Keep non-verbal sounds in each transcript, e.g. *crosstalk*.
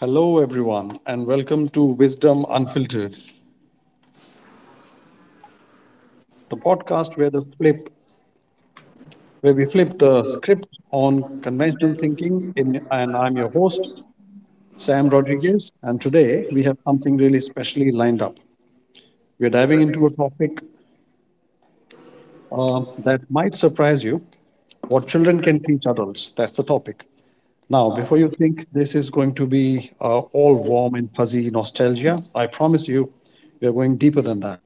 Hello, everyone, and welcome to Wisdom Unfiltered, the podcast where the flip where we flip the script on conventional thinking. In and I'm your host, Sam Rodriguez, and today we have something really specially lined up. We're diving into a topic that might surprise you: what children can teach adults. That's the topic. Now, before you think this is going to be all warm and fuzzy nostalgia, I promise you, we are going deeper than that.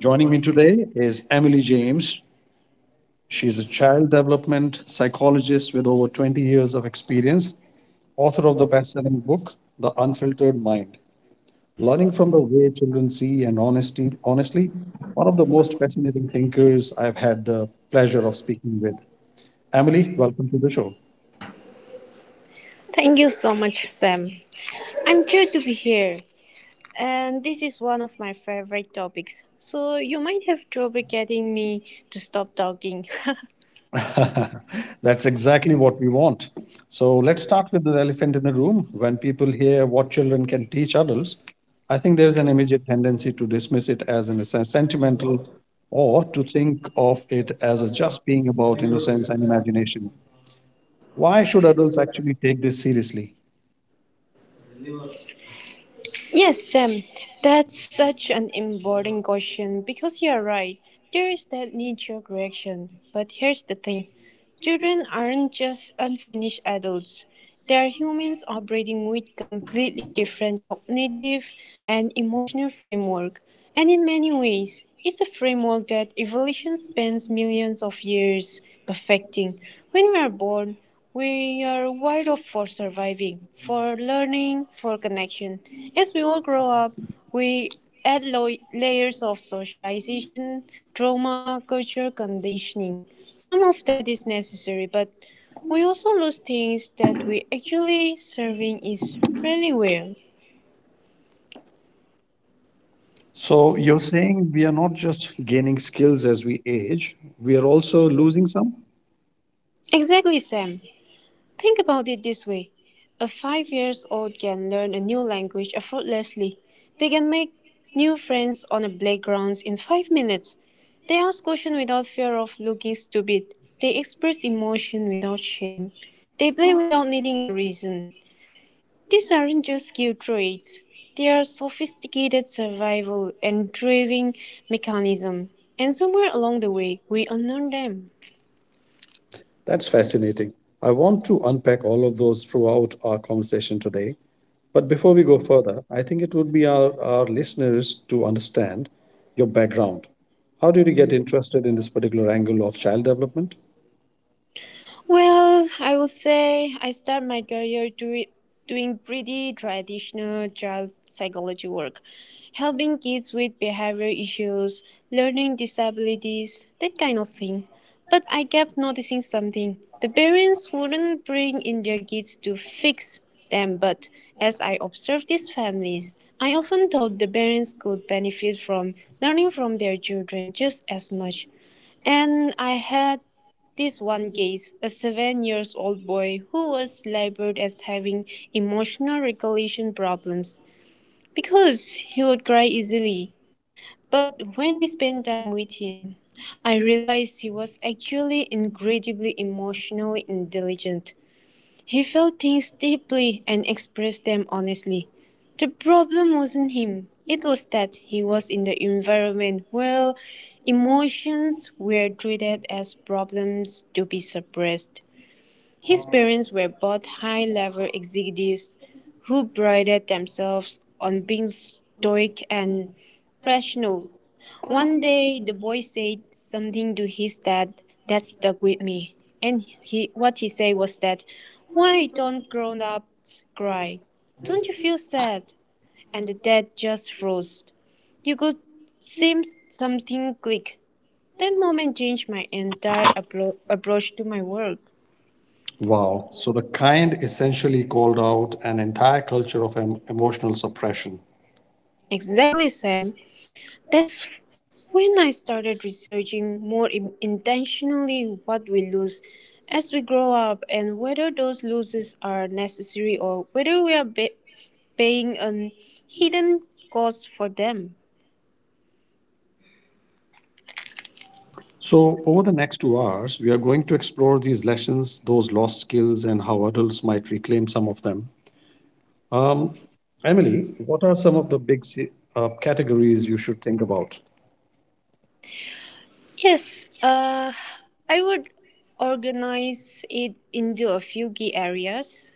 Joining me today is Emily James. She is a child development psychologist with over 20 years of experience, author of the best-selling book The Unfiltered Mind. Learning from the way children see and honestly, one of the most fascinating thinkers I've had the pleasure of speaking with. Emily, welcome to the show. Thank you so much, Sam. I'm glad to be here, and this is one of my favorite topics. So you might have trouble getting me to stop talking. *laughs* *laughs* That's exactly what we want. So let's start with the elephant in the room. When people hear what children can teach adults, I think there's an immediate tendency to dismiss it as sentimental or to think of it as a just being about innocence and imagination. Why should adults actually take this seriously? Yes, Sam, that's such an important question because you're right. There is that knee jerk reaction. But here's the thing children aren't just unfinished adults, they are humans operating with completely different cognitive and emotional framework. And in many ways, it's a framework that evolution spends millions of years perfecting. When we are born, we are wired up for surviving, for learning, for connection. As we all grow up, we add layers of socialization, trauma, culture, conditioning. Some of that is necessary, but we also lose things that we actually serving is really well. So you're saying we are not just gaining skills as we age, we are also losing some? Exactly, Sam. Think about it this way a five years old can learn a new language effortlessly. They can make new friends on the playgrounds in 5 minutes. They ask questions without fear of looking stupid. They express emotion without shame. They play without needing a reason. These aren't just skill traits. They are sophisticated survival and driving mechanism. And somewhere along the way, we unlearn them. That's fascinating. I want to unpack all of those throughout our conversation today. But before we go further, I think it would be our listeners to understand your background. How did you get interested in this particular angle of child development? Well, I would say I started my career doing pretty traditional child psychology work, helping kids with behavior issues, learning disabilities, that kind of thing. But I kept noticing something. The parents wouldn't bring in their kids to fix them, but as I observed these families, I often thought the parents could benefit from learning from their children just as much. And I had this one case, a 7-year-old boy who was labeled as having emotional regulation problems because he would cry easily. But when I spent time with him, I realized he was actually incredibly emotionally intelligent. He felt things deeply and expressed them honestly. The problem wasn't him. It was that he was in the environment where emotions were treated as problems to be suppressed. His parents were both high-level executives who prided themselves on being stoic and rational. One day, the boy said something to his dad that stuck with me, and he, what he said was that, "Why don't grown-ups cry? Don't you feel sad?" And the dad just froze. You could see something click. That moment changed my entire approach to my work. Wow. So the kind essentially called out an entire culture of emotional suppression. Exactly, Sam. That's when I started researching more intentionally what we lose as we grow up and whether those losses are necessary or whether we are paying a hidden cost for them. So, over the next 2 hours, we are going to explore these lessons, those lost skills, and how adults might reclaim some of them. Um, Emily, what are some of the big categories you should think about? Yes, I would organize it into a few key areas.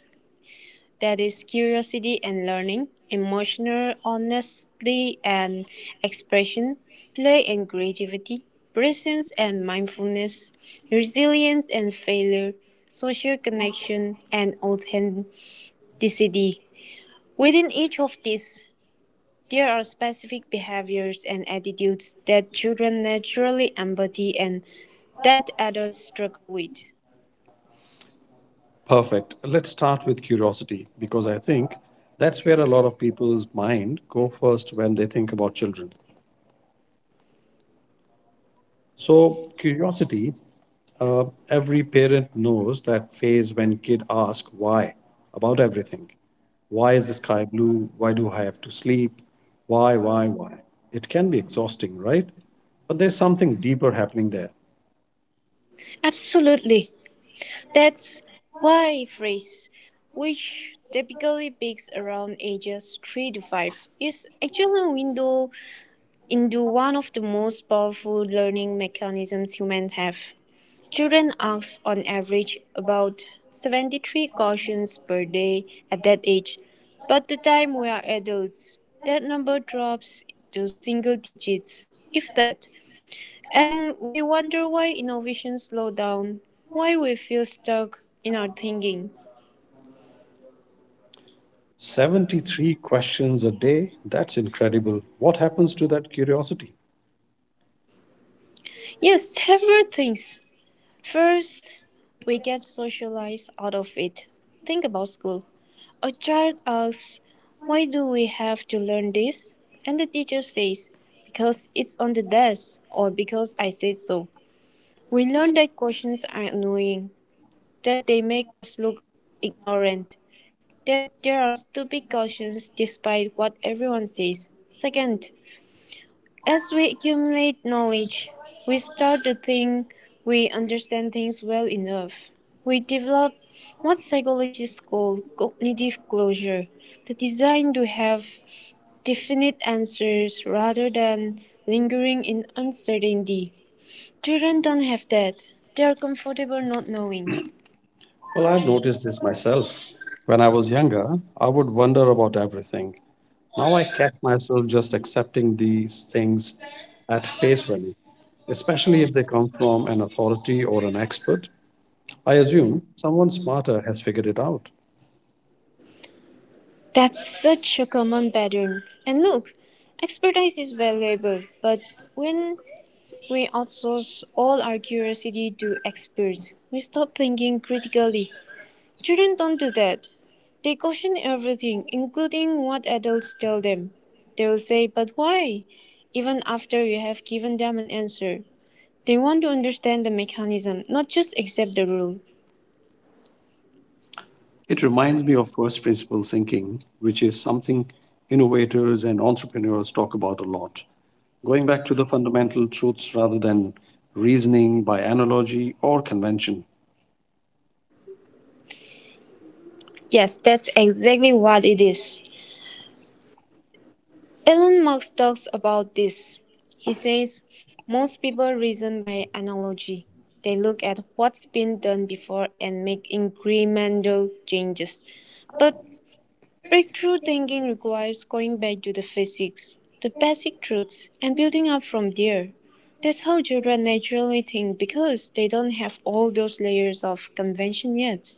That is curiosity and learning, emotional honesty and expression, play and creativity, presence and mindfulness, resilience and failure, social connection and authenticity. Within each of these, there are specific behaviors and attitudes that children naturally embody and that adults struggle with. Perfect. Let's start with curiosity because I think that's where a lot of people's mind go first when they think about children. So curiosity, every parent knows that phase when kid ask why about everything. Why is the sky blue? Why do I have to sleep? Why, why? It can be exhausting, right? But there's something deeper happening there. Absolutely. That's why phrase, which typically peaks around ages 3 to 5, is actually a window into one of the most powerful learning mechanisms humans have. Children ask on average about 73 questions per day at that age, but the time we are adults, that number drops to single digits, if that. And we wonder why innovation slow down, why we feel stuck in our thinking. 73 questions a day? That's incredible. What happens to that curiosity? Yes, several things. First, we get socialized out of it. Think about school. A child asks, Why do we have to learn this? And the teacher says, Because it's on the desk or because I said so. We learn that questions are annoying, that they make us look ignorant, that there are stupid cautions despite what everyone says. Second, as we accumulate knowledge, we start to think we understand things well enough. We develop what psychologists call cognitive closure, the desire to have definite answers rather than lingering in uncertainty. Children don't have that. They are comfortable not knowing. Well, I've noticed this myself. When I was younger, I would wonder about everything. Now I catch myself just accepting these things at face value, especially if they come from an authority or an expert. I assume someone smarter has figured it out. That's such a common pattern. And look, expertise is valuable, but when we outsource all our curiosity to experts, we stop thinking critically. Children don't do that. They question everything, including what adults tell them. They will say, But why? Even after you have given them an answer. They want to understand the mechanism, not just accept the rule. It reminds me of first principle thinking, which is something innovators and entrepreneurs talk about a lot, going back to the fundamental truths rather than reasoning by analogy or convention. Yes, that's exactly what it is. Elon Musk talks about this. He says, Most people reason by analogy. They look at what's been done before and make incremental changes. But breakthrough thinking requires going back to the physics, the basic truths, and building up from there. That's how children naturally think because they don't have all those layers of convention yet.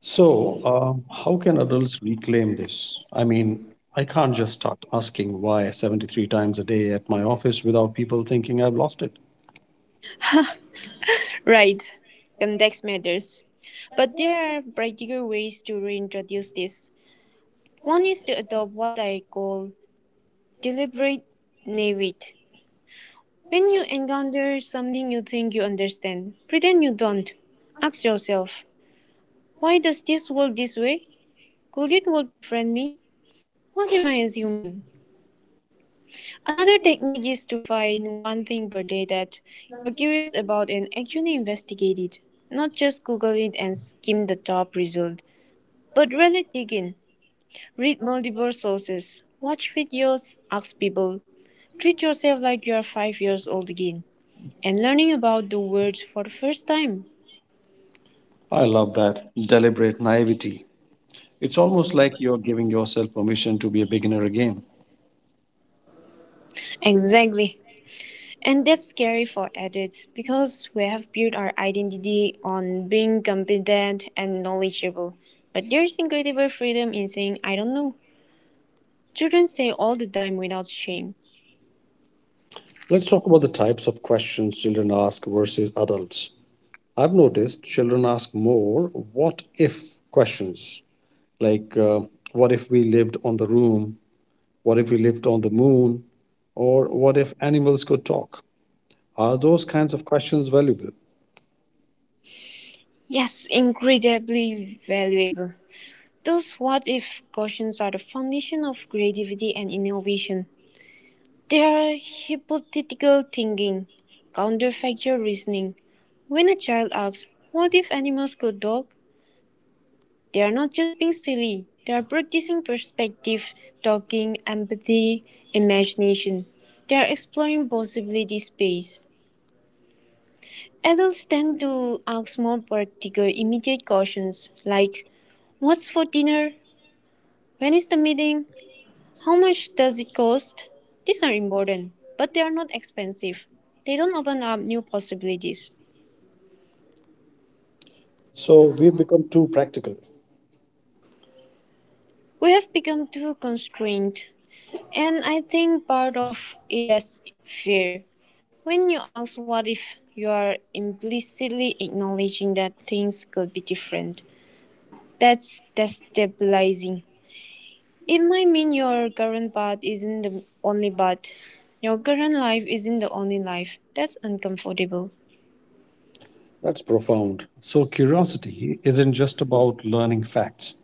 So, how can adults reclaim this? I mean, I can't just start asking why 73 times a day at my office without people thinking I've lost it. Right, context matters. But there are practical ways to reintroduce this. One is to adopt what I call deliberate naivete. When you encounter something you think you understand, pretend you don't. Ask yourself, why does this work this way? Could it work differently? What am I assuming? Another technique is to find one thing per day that you're curious about and actually investigate it. Not just Google it and skim the top result, but really dig in. Read multiple sources, watch videos, ask people, treat yourself like you are five years old again and learning about the words for the first time. I love that deliberate naivety. It's almost like you're giving yourself permission to be a beginner again. Exactly. And that's scary for adults because we have built our identity on being competent and knowledgeable. But there's incredible freedom in saying, I don't know. Children say all the time without shame. Let's talk about the types of questions children ask versus adults. I've noticed children ask more what if questions, like what if we lived on the room what if we lived on the moon, or what if animals could talk? Are those kinds of questions valuable? Yes, incredibly valuable. Those what if questions are the foundation of creativity and innovation. They are hypothetical thinking, counterfactual reasoning. When a child asks, What if animals could talk? They are not just being silly, they are practicing perspective, talking, empathy, imagination. They are exploring possibility space. Adults tend to ask more practical, immediate questions like, What's for dinner? When is the meeting? How much does it cost? These are important, but they are not expensive. They don't open up new possibilities. So we've become too practical? We have become too constrained, and I think part of it is fear. When you ask what if, you are implicitly acknowledging that things could be different. That's destabilizing. It might mean your current path isn't the only path. Your current life isn't the only life. That's uncomfortable. That's profound. So curiosity isn't just about learning facts,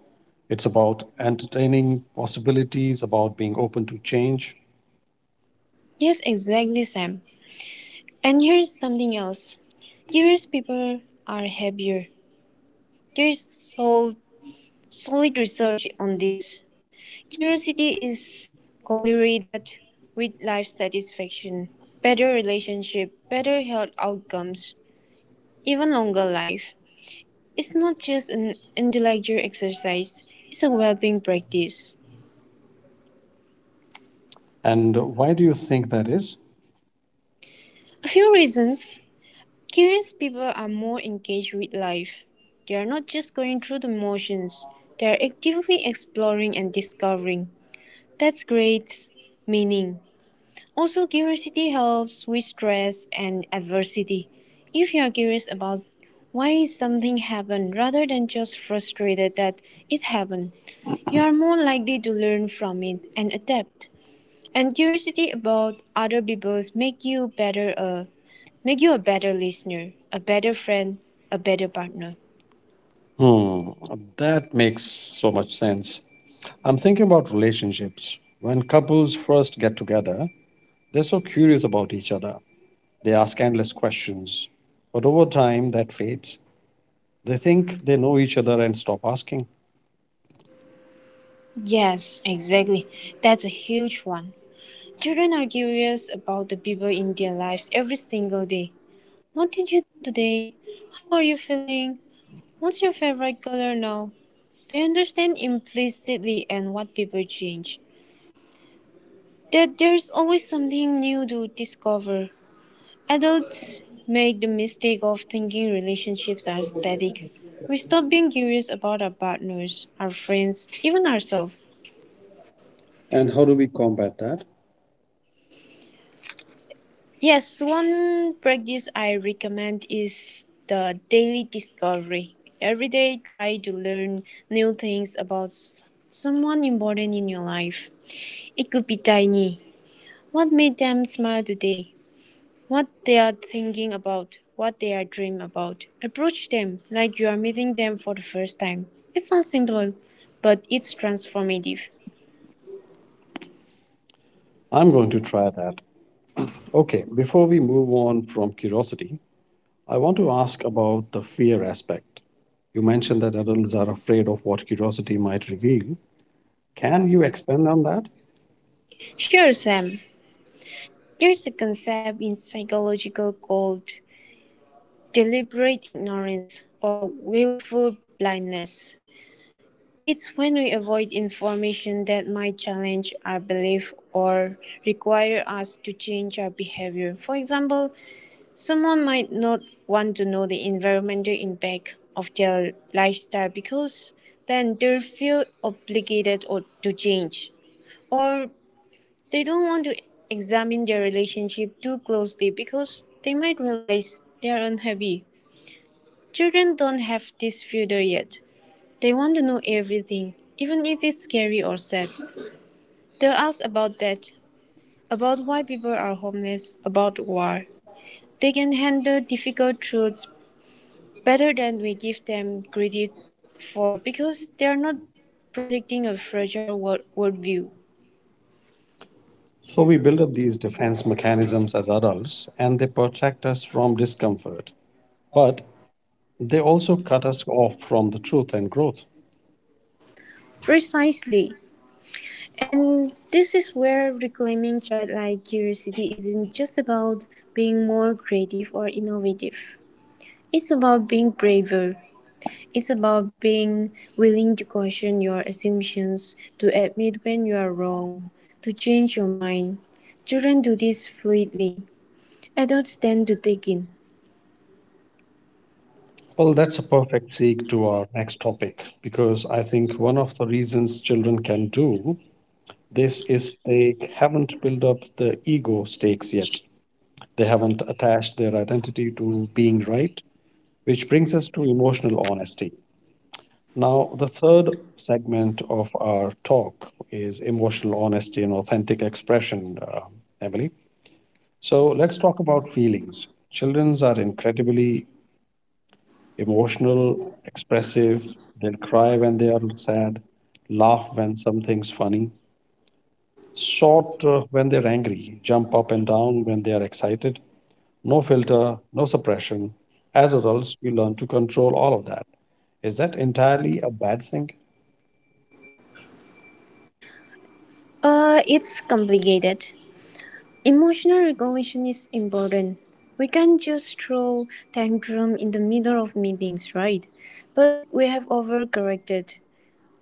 it's about entertaining possibilities, about being open to change. Yes, exactly, Sam. And here's something else curious people are happier. There's solid research on this. Curiosity is correlated with life satisfaction, better relationship, better health outcomes, even longer life. It's not just an intellectual exercise, it's a well being practice. And why do you think that is? A few reasons Curious people are more engaged with life. They are not just going through the motions, they are actively exploring and discovering. That's great meaning. Also, curiosity helps with stress and adversity. If you are curious about why something happened rather than just frustrated that it happened, you are more likely to learn from it and adapt. And curiosity about other people's make you a better listener, a better friend, a better partner. Hmm, that makes so much sense. I'm thinking about relationships. When couples first get together, they're so curious about each other. They ask endless questions. But over time, that fades. They think they know each other and stop asking. Yes, exactly. That's a huge one. Children are curious about the people in their lives every single day. What did you do today? How are you feeling? What's your favorite color now? They understand implicitly and what people change. That there's always something new to discover. Adults make the mistake of thinking relationships are static. We stop being curious about our partners, our friends, even ourselves. And how do we combat that? Yes, one practice I recommend is the daily discovery. Every day, try to learn new things about someone important in your life. It could be tiny. What made them smile today? What they're thinking about, what they're dreaming about. Approach them like you're meeting them for the first time. It sounds simple, but it's transformative. I'm going to try that. Okay, before we move on from curiosity, I want to ask about the fear aspect. You mentioned that adults are afraid of what curiosity might reveal. Can you expand on that? Sure, Sam. There's a concept in psychology called deliberate ignorance or willful blindness. It's when we avoid information that might challenge our belief or require us to change our behavior. For example, Someone might not want to know the environmental impact of their lifestyle because then they feel obligated or to change. Or they don't want to examine their relationship too closely because they might realize they are unhappy. Children don't have this filter yet. They want to know everything, even if it's scary or sad. They'll ask about that, about why people are homeless, about war. They can handle difficult truths better than we give them credit for because they're not protecting a fragile world worldview. So, we build up these defense mechanisms as adults and they protect us from discomfort. But they also cut us off from the truth and growth. Precisely. And this is where reclaiming childlike curiosity isn't just about being more creative or innovative. It's about being braver. It's about being willing to question your assumptions, to admit when you are wrong, to change your mind. Children do this fluidly. Adults tend to take in. Well, that's a perfect segue to our next topic because I think one of the reasons children can do this is they haven't built up the ego stakes yet. They haven't attached their identity to being right, which brings us to emotional honesty. Now, the third segment of our talk is emotional honesty and authentic expression, Emily. So let's talk about feelings. Children are incredibly emotional, expressive. They'll cry when they are sad, laugh when something's funny, shout when they're angry, jump up and down when they are excited. No filter, no suppression. As adults, we learn to control all of that. Is that entirely a bad thing? It's complicated. Emotional regulation is important. We can't just throw tantrum in the middle of meetings, right? But we have overcorrected.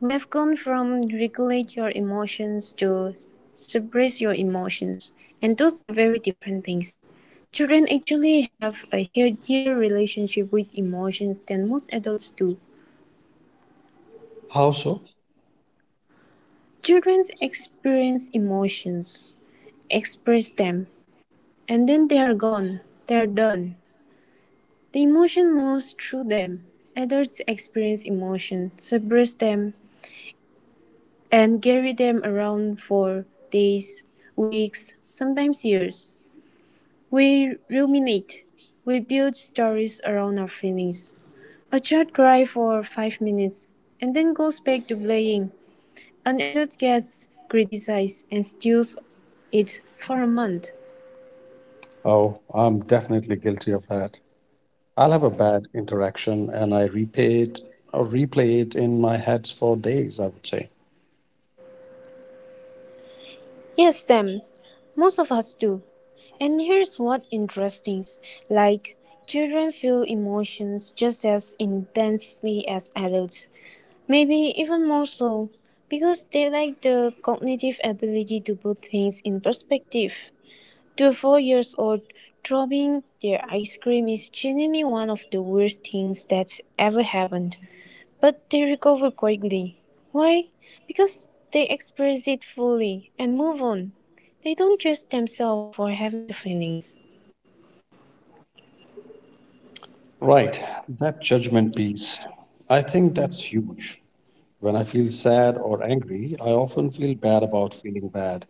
We have gone from regulate your emotions to suppress your emotions, and those are very different things. Children actually have a healthier relationship with emotions than most adults do. How so? Children experience emotions, express them, And then they're gone, they're done. The emotion moves through them. Adults experience emotion, suppress them, and carry them around for days, weeks, sometimes years. We ruminate. We build stories around our feelings. A child cries for 5 minutes and then goes back to playing. An adult gets criticized and steals it for a month. Oh, I'm definitely guilty of that. I'll have a bad interaction and I replay it or replay it in my heads for days, I would say. Yes, Sam. Most of us do. And here's what interesting. Like, Children feel emotions just as intensely as adults. Maybe even more so, because they lack the cognitive ability to put things in perspective. To a 4 years old, dropping their ice cream is genuinely one of the worst things that's ever happened. But they recover quickly. Why? Because they express it fully and move on. They don't judge themselves for having the feelings. Right, that judgment piece. I think that's huge. When I feel sad or angry, I often feel bad about feeling bad.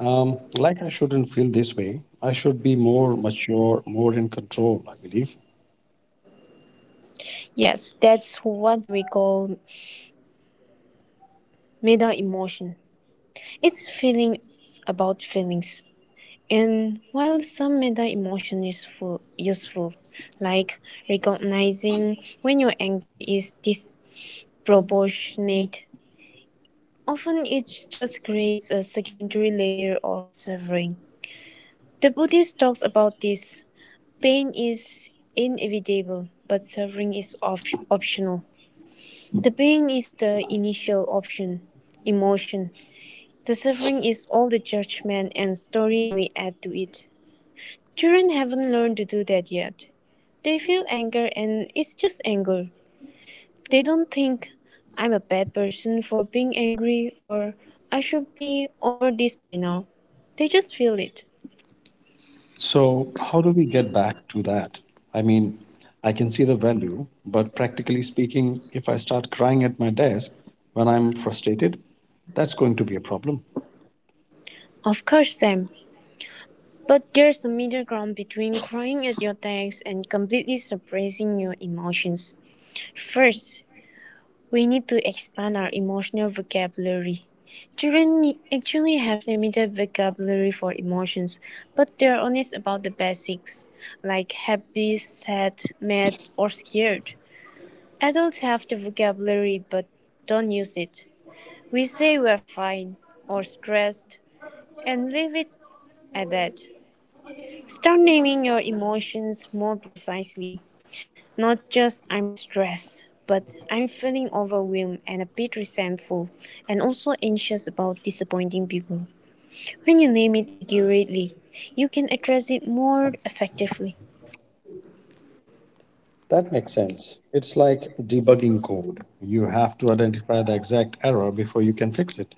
Like I shouldn't feel this way. I should be more mature, more in control, I believe. Yes, that's what we call meta emotion. It's feelings about feelings. And while some meta emotion is useful, like recognizing when your anger is disproportionate, often it just creates a secondary layer of suffering. The Buddhist talks about this: pain is inevitable, but suffering is optional. The pain is the initial option, emotion; the suffering is all the judgment and story we add to it. Children haven't learned to do that yet. They feel anger and it's just anger. They don't think, I'm a bad person for being angry, or I should be over this by now. They just feel it. So, how do we get back to that? I mean, I can see the value, but practically speaking, if I start crying at my desk when I'm frustrated, that's going to be a problem. Of course, Sam. But there's a middle ground between crying at your desk and completely suppressing your emotions. First, we need to expand our emotional vocabulary. Children actually have limited vocabulary for emotions, but they're honest about the basics, like happy, sad, mad, or scared. Adults have the vocabulary but don't use it. We say we're fine or stressed and leave it at that. Start naming your emotions more precisely. Not just I'm stressed, but I'm feeling overwhelmed and a bit resentful and also anxious about disappointing people. When you name it accurately, you can address it more effectively. That makes sense. It's like debugging code. You have to identify the exact error before you can fix it.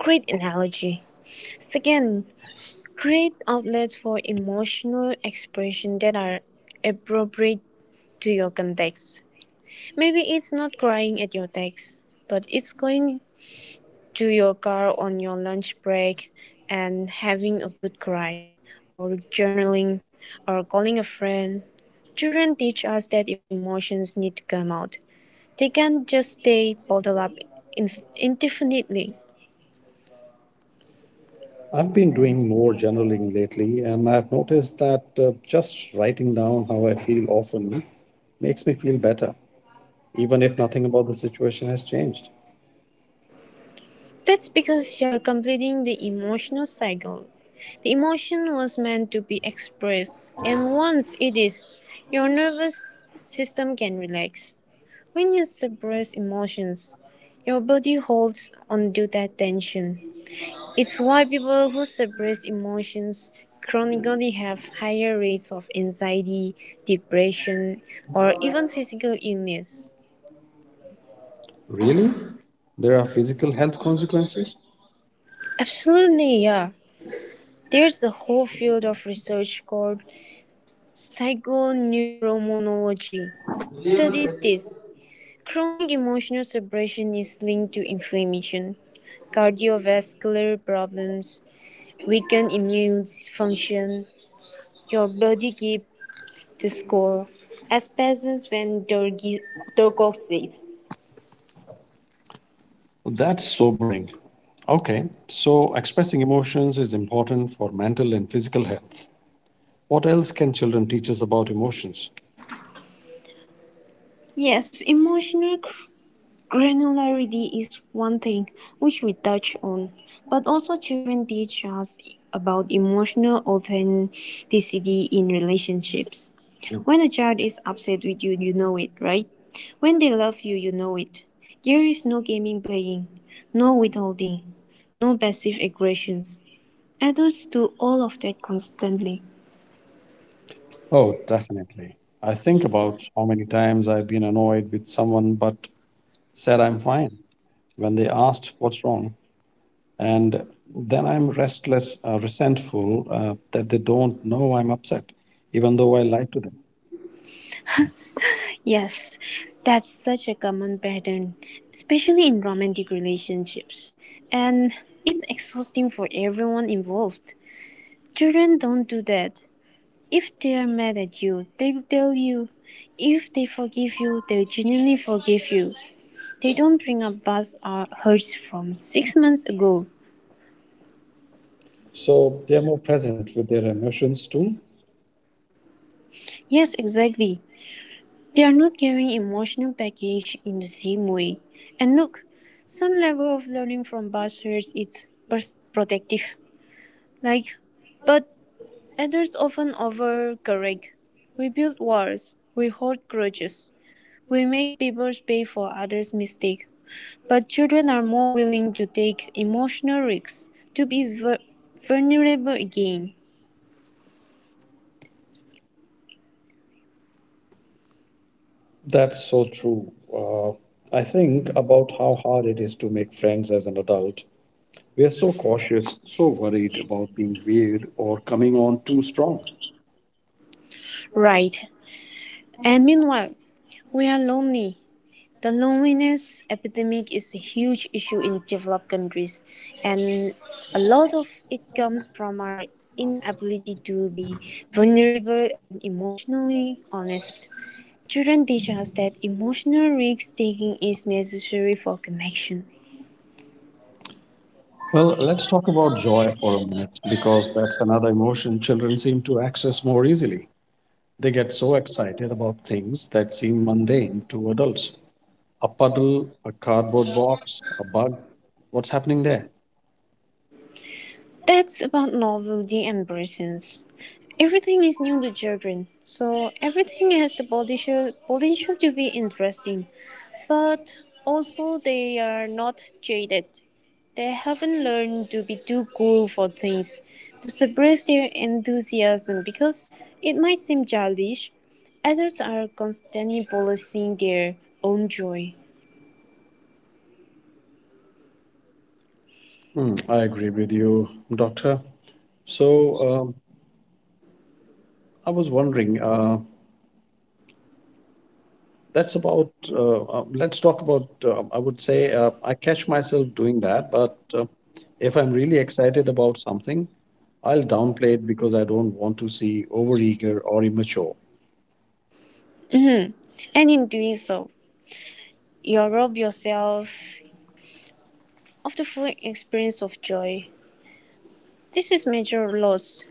Create analogy. Second, create outlets for emotional expression that are appropriate to your context. Maybe it's not crying at your text, but it's going to your car on your lunch break and having a good cry, or journaling, or calling a friend. Children teach us that emotions need to come out. They can't just stay bottled up in- indefinitely. I've been doing more journaling lately, and I've noticed that just writing down how I feel often makes me feel better, even if nothing about the situation has changed. That's because you're completing the emotional cycle. The emotion was meant to be expressed, and once it is, your nervous system can relax. When you suppress emotions, your body holds onto that tension. It's why people who suppress emotions chronically have higher rates of anxiety, depression, or even physical illness. Really? There are physical health consequences? Absolutely, yeah. There's a whole field of research called Psychoneuroimmunology that studies this. Chronic emotional suppression is linked to inflammation, cardiovascular problems, weakened immune function. Your body gives the score, as passes when Durkop says. Well, that's sobering. Okay, so expressing emotions is important for mental and physical health. What else can children teach us about emotions? Yes, emotional granularity is one thing which we touch on, but also children teach us about emotional authenticity in relationships. When a child is upset with you, you know it, right? When they love you, you know it. There is no gaming playing, no withholding, no passive aggressions. Adults do all of that constantly. Oh, definitely. I think about how many times I've been annoyed with someone but said I'm fine when they asked what's wrong. And then I'm resentful that they don't know I'm upset, even though I lied to them. Yes, that's such a common pattern, especially in romantic relationships. And it's exhausting for everyone involved. Children don't do that. If they are mad at you, they'll tell you. If they forgive you, they genuinely forgive you. They don't bring up past or hurts from 6 months ago. So they're more present with their emotions too. Yes, exactly. They are not carrying emotional baggage in the same way. And look, some level of learning from past hurts is protective. Like, but adults often overcorrect. We build walls, we hold grudges, we make people pay for others' mistakes. But children are more willing to take emotional risks, to be vulnerable again. That's so true. Uh, I think about how hard it is to make friends as an adult. We are so cautious, so worried about being weird or coming on too strong. Right. And meanwhile, we are lonely. The loneliness epidemic is a huge issue in developed countries, and a lot of it comes from our inability to be vulnerable and emotionally honest. Children teach us that emotional risk taking is necessary for connection. Well, let's talk about joy for a minute because that's another emotion children seem to access more easily. They get so excited about things that seem mundane to adults. A puddle, a cardboard box, a bug. What's happening there? That's about novelty and presence. Everything is new to children, so everything has the potential, potential to be interesting. But also they are not jaded. They haven't learned to be too cool for things, to suppress their enthusiasm because it might seem childish. Adults are constantly policing their own joy. Hmm, I agree with you, doctor. So, um, I was wondering, that's about let's talk about I would say I catch myself doing that, but if I'm really excited about something, I'll downplay it because I don't want to see overeager or immature. Mhm. And in doing so, you rob yourself of the full experience of joy. This is major loss.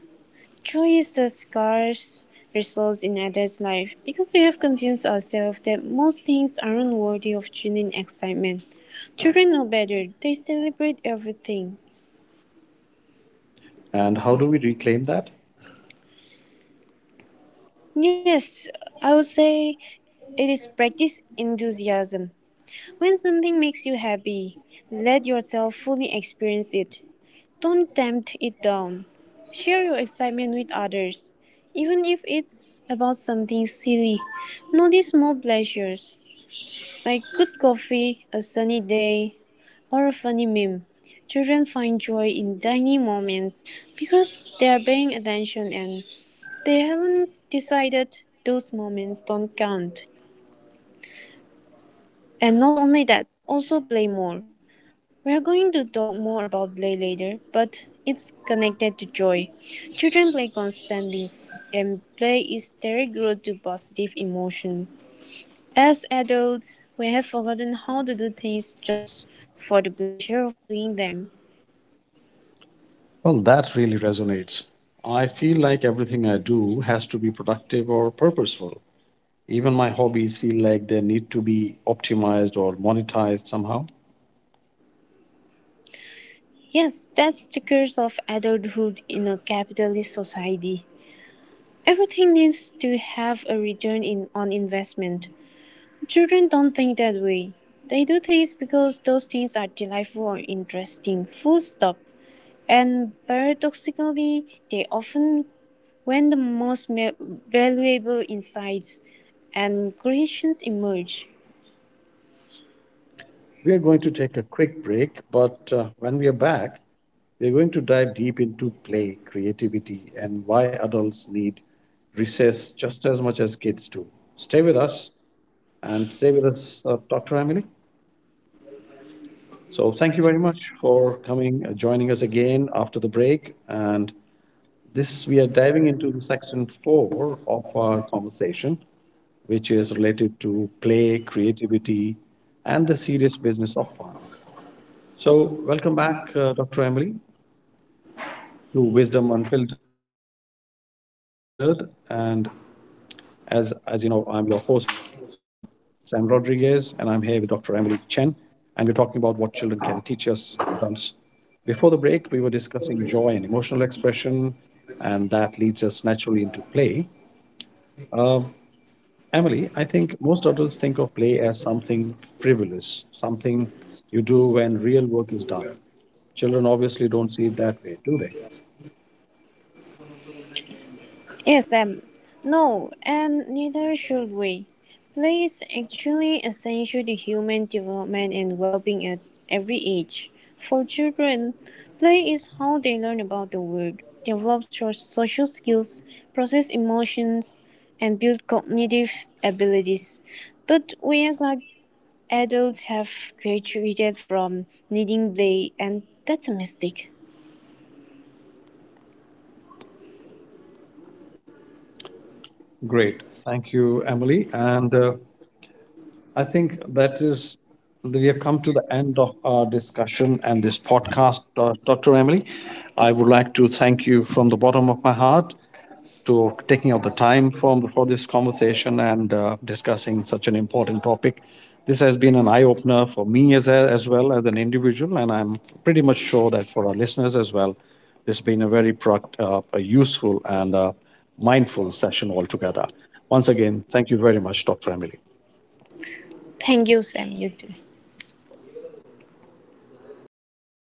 Joy is a scarce resource in adult life because we have convinced ourselves that most things aren't worthy of genuine excitement. Children know better, they celebrate everything. And how do we reclaim that? Yes, I would say it is practice enthusiasm. When something makes you happy, let yourself fully experience it. Don't tempt it down. Share your excitement with others, even if it's about something silly. Notice small pleasures. Like good coffee, a sunny day, or a funny meme, children find joy in tiny moments because they are paying attention and they haven't decided those moments don't count. And not only that, also play more. We are going to talk more about play later, but it's connected to joy. Children play constantly, and play is their road to positive emotion. As adults, we have forgotten how to do things just for the pleasure of doing them. Well, that really resonates. I feel like everything I do has to be productive or purposeful. Even my hobbies feel like they need to be optimized or monetized somehow. Yes, that's the curse of adulthood in a capitalist society. Everything needs to have a return in, on investment. Children don't think that way. They do things because those things are delightful or interesting, full stop. And paradoxically, they often when the most valuable insights and creations emerge. We are going to take a quick break, but when we are back, we're going to dive deep into play, creativity, and why adults need recess just as much as kids do. Stay with us Stay with us, Dr. Emily. So, thank you very much for joining us again after the break. And this, we are diving into section four of our conversation, which is related to play, creativity, and the serious business of fun. So, welcome back, Dr. Emily, to Wisdom Unfiltered. And as you know, I'm your host, Sam Rodriguez, and I'm here with Dr. Emily Chen, and we're talking about what children can teach us adults. Before the break, we were discussing joy and emotional expression, and that leads us naturally into play. Uh, Emily, I think most adults think of play as something frivolous, something you do when real work is done. Children obviously don't see it that way, do they? Yes, Sam. No, and neither should we. Play is actually essential to human development and well being at every age. For children, play is how they learn about the world, develop social skills, process emotions, and build cognitive abilities. But we act like adults have graduated from needing play, and that's a mistake. Great. Thank you, Emily. And I think that is, we have come to the end of our discussion and this podcast, Dr. Emily. I would like to thank you from the bottom of my heart to taking out the time from for this conversation and discussing such an important topic. This has been an eye opener for me as well as an individual, and I'm pretty much sure that for our listeners as well, this has been a very product, a useful and mindful session altogether. Once again, thank you very much, Dr. Emily. Thank you, Sam. You too.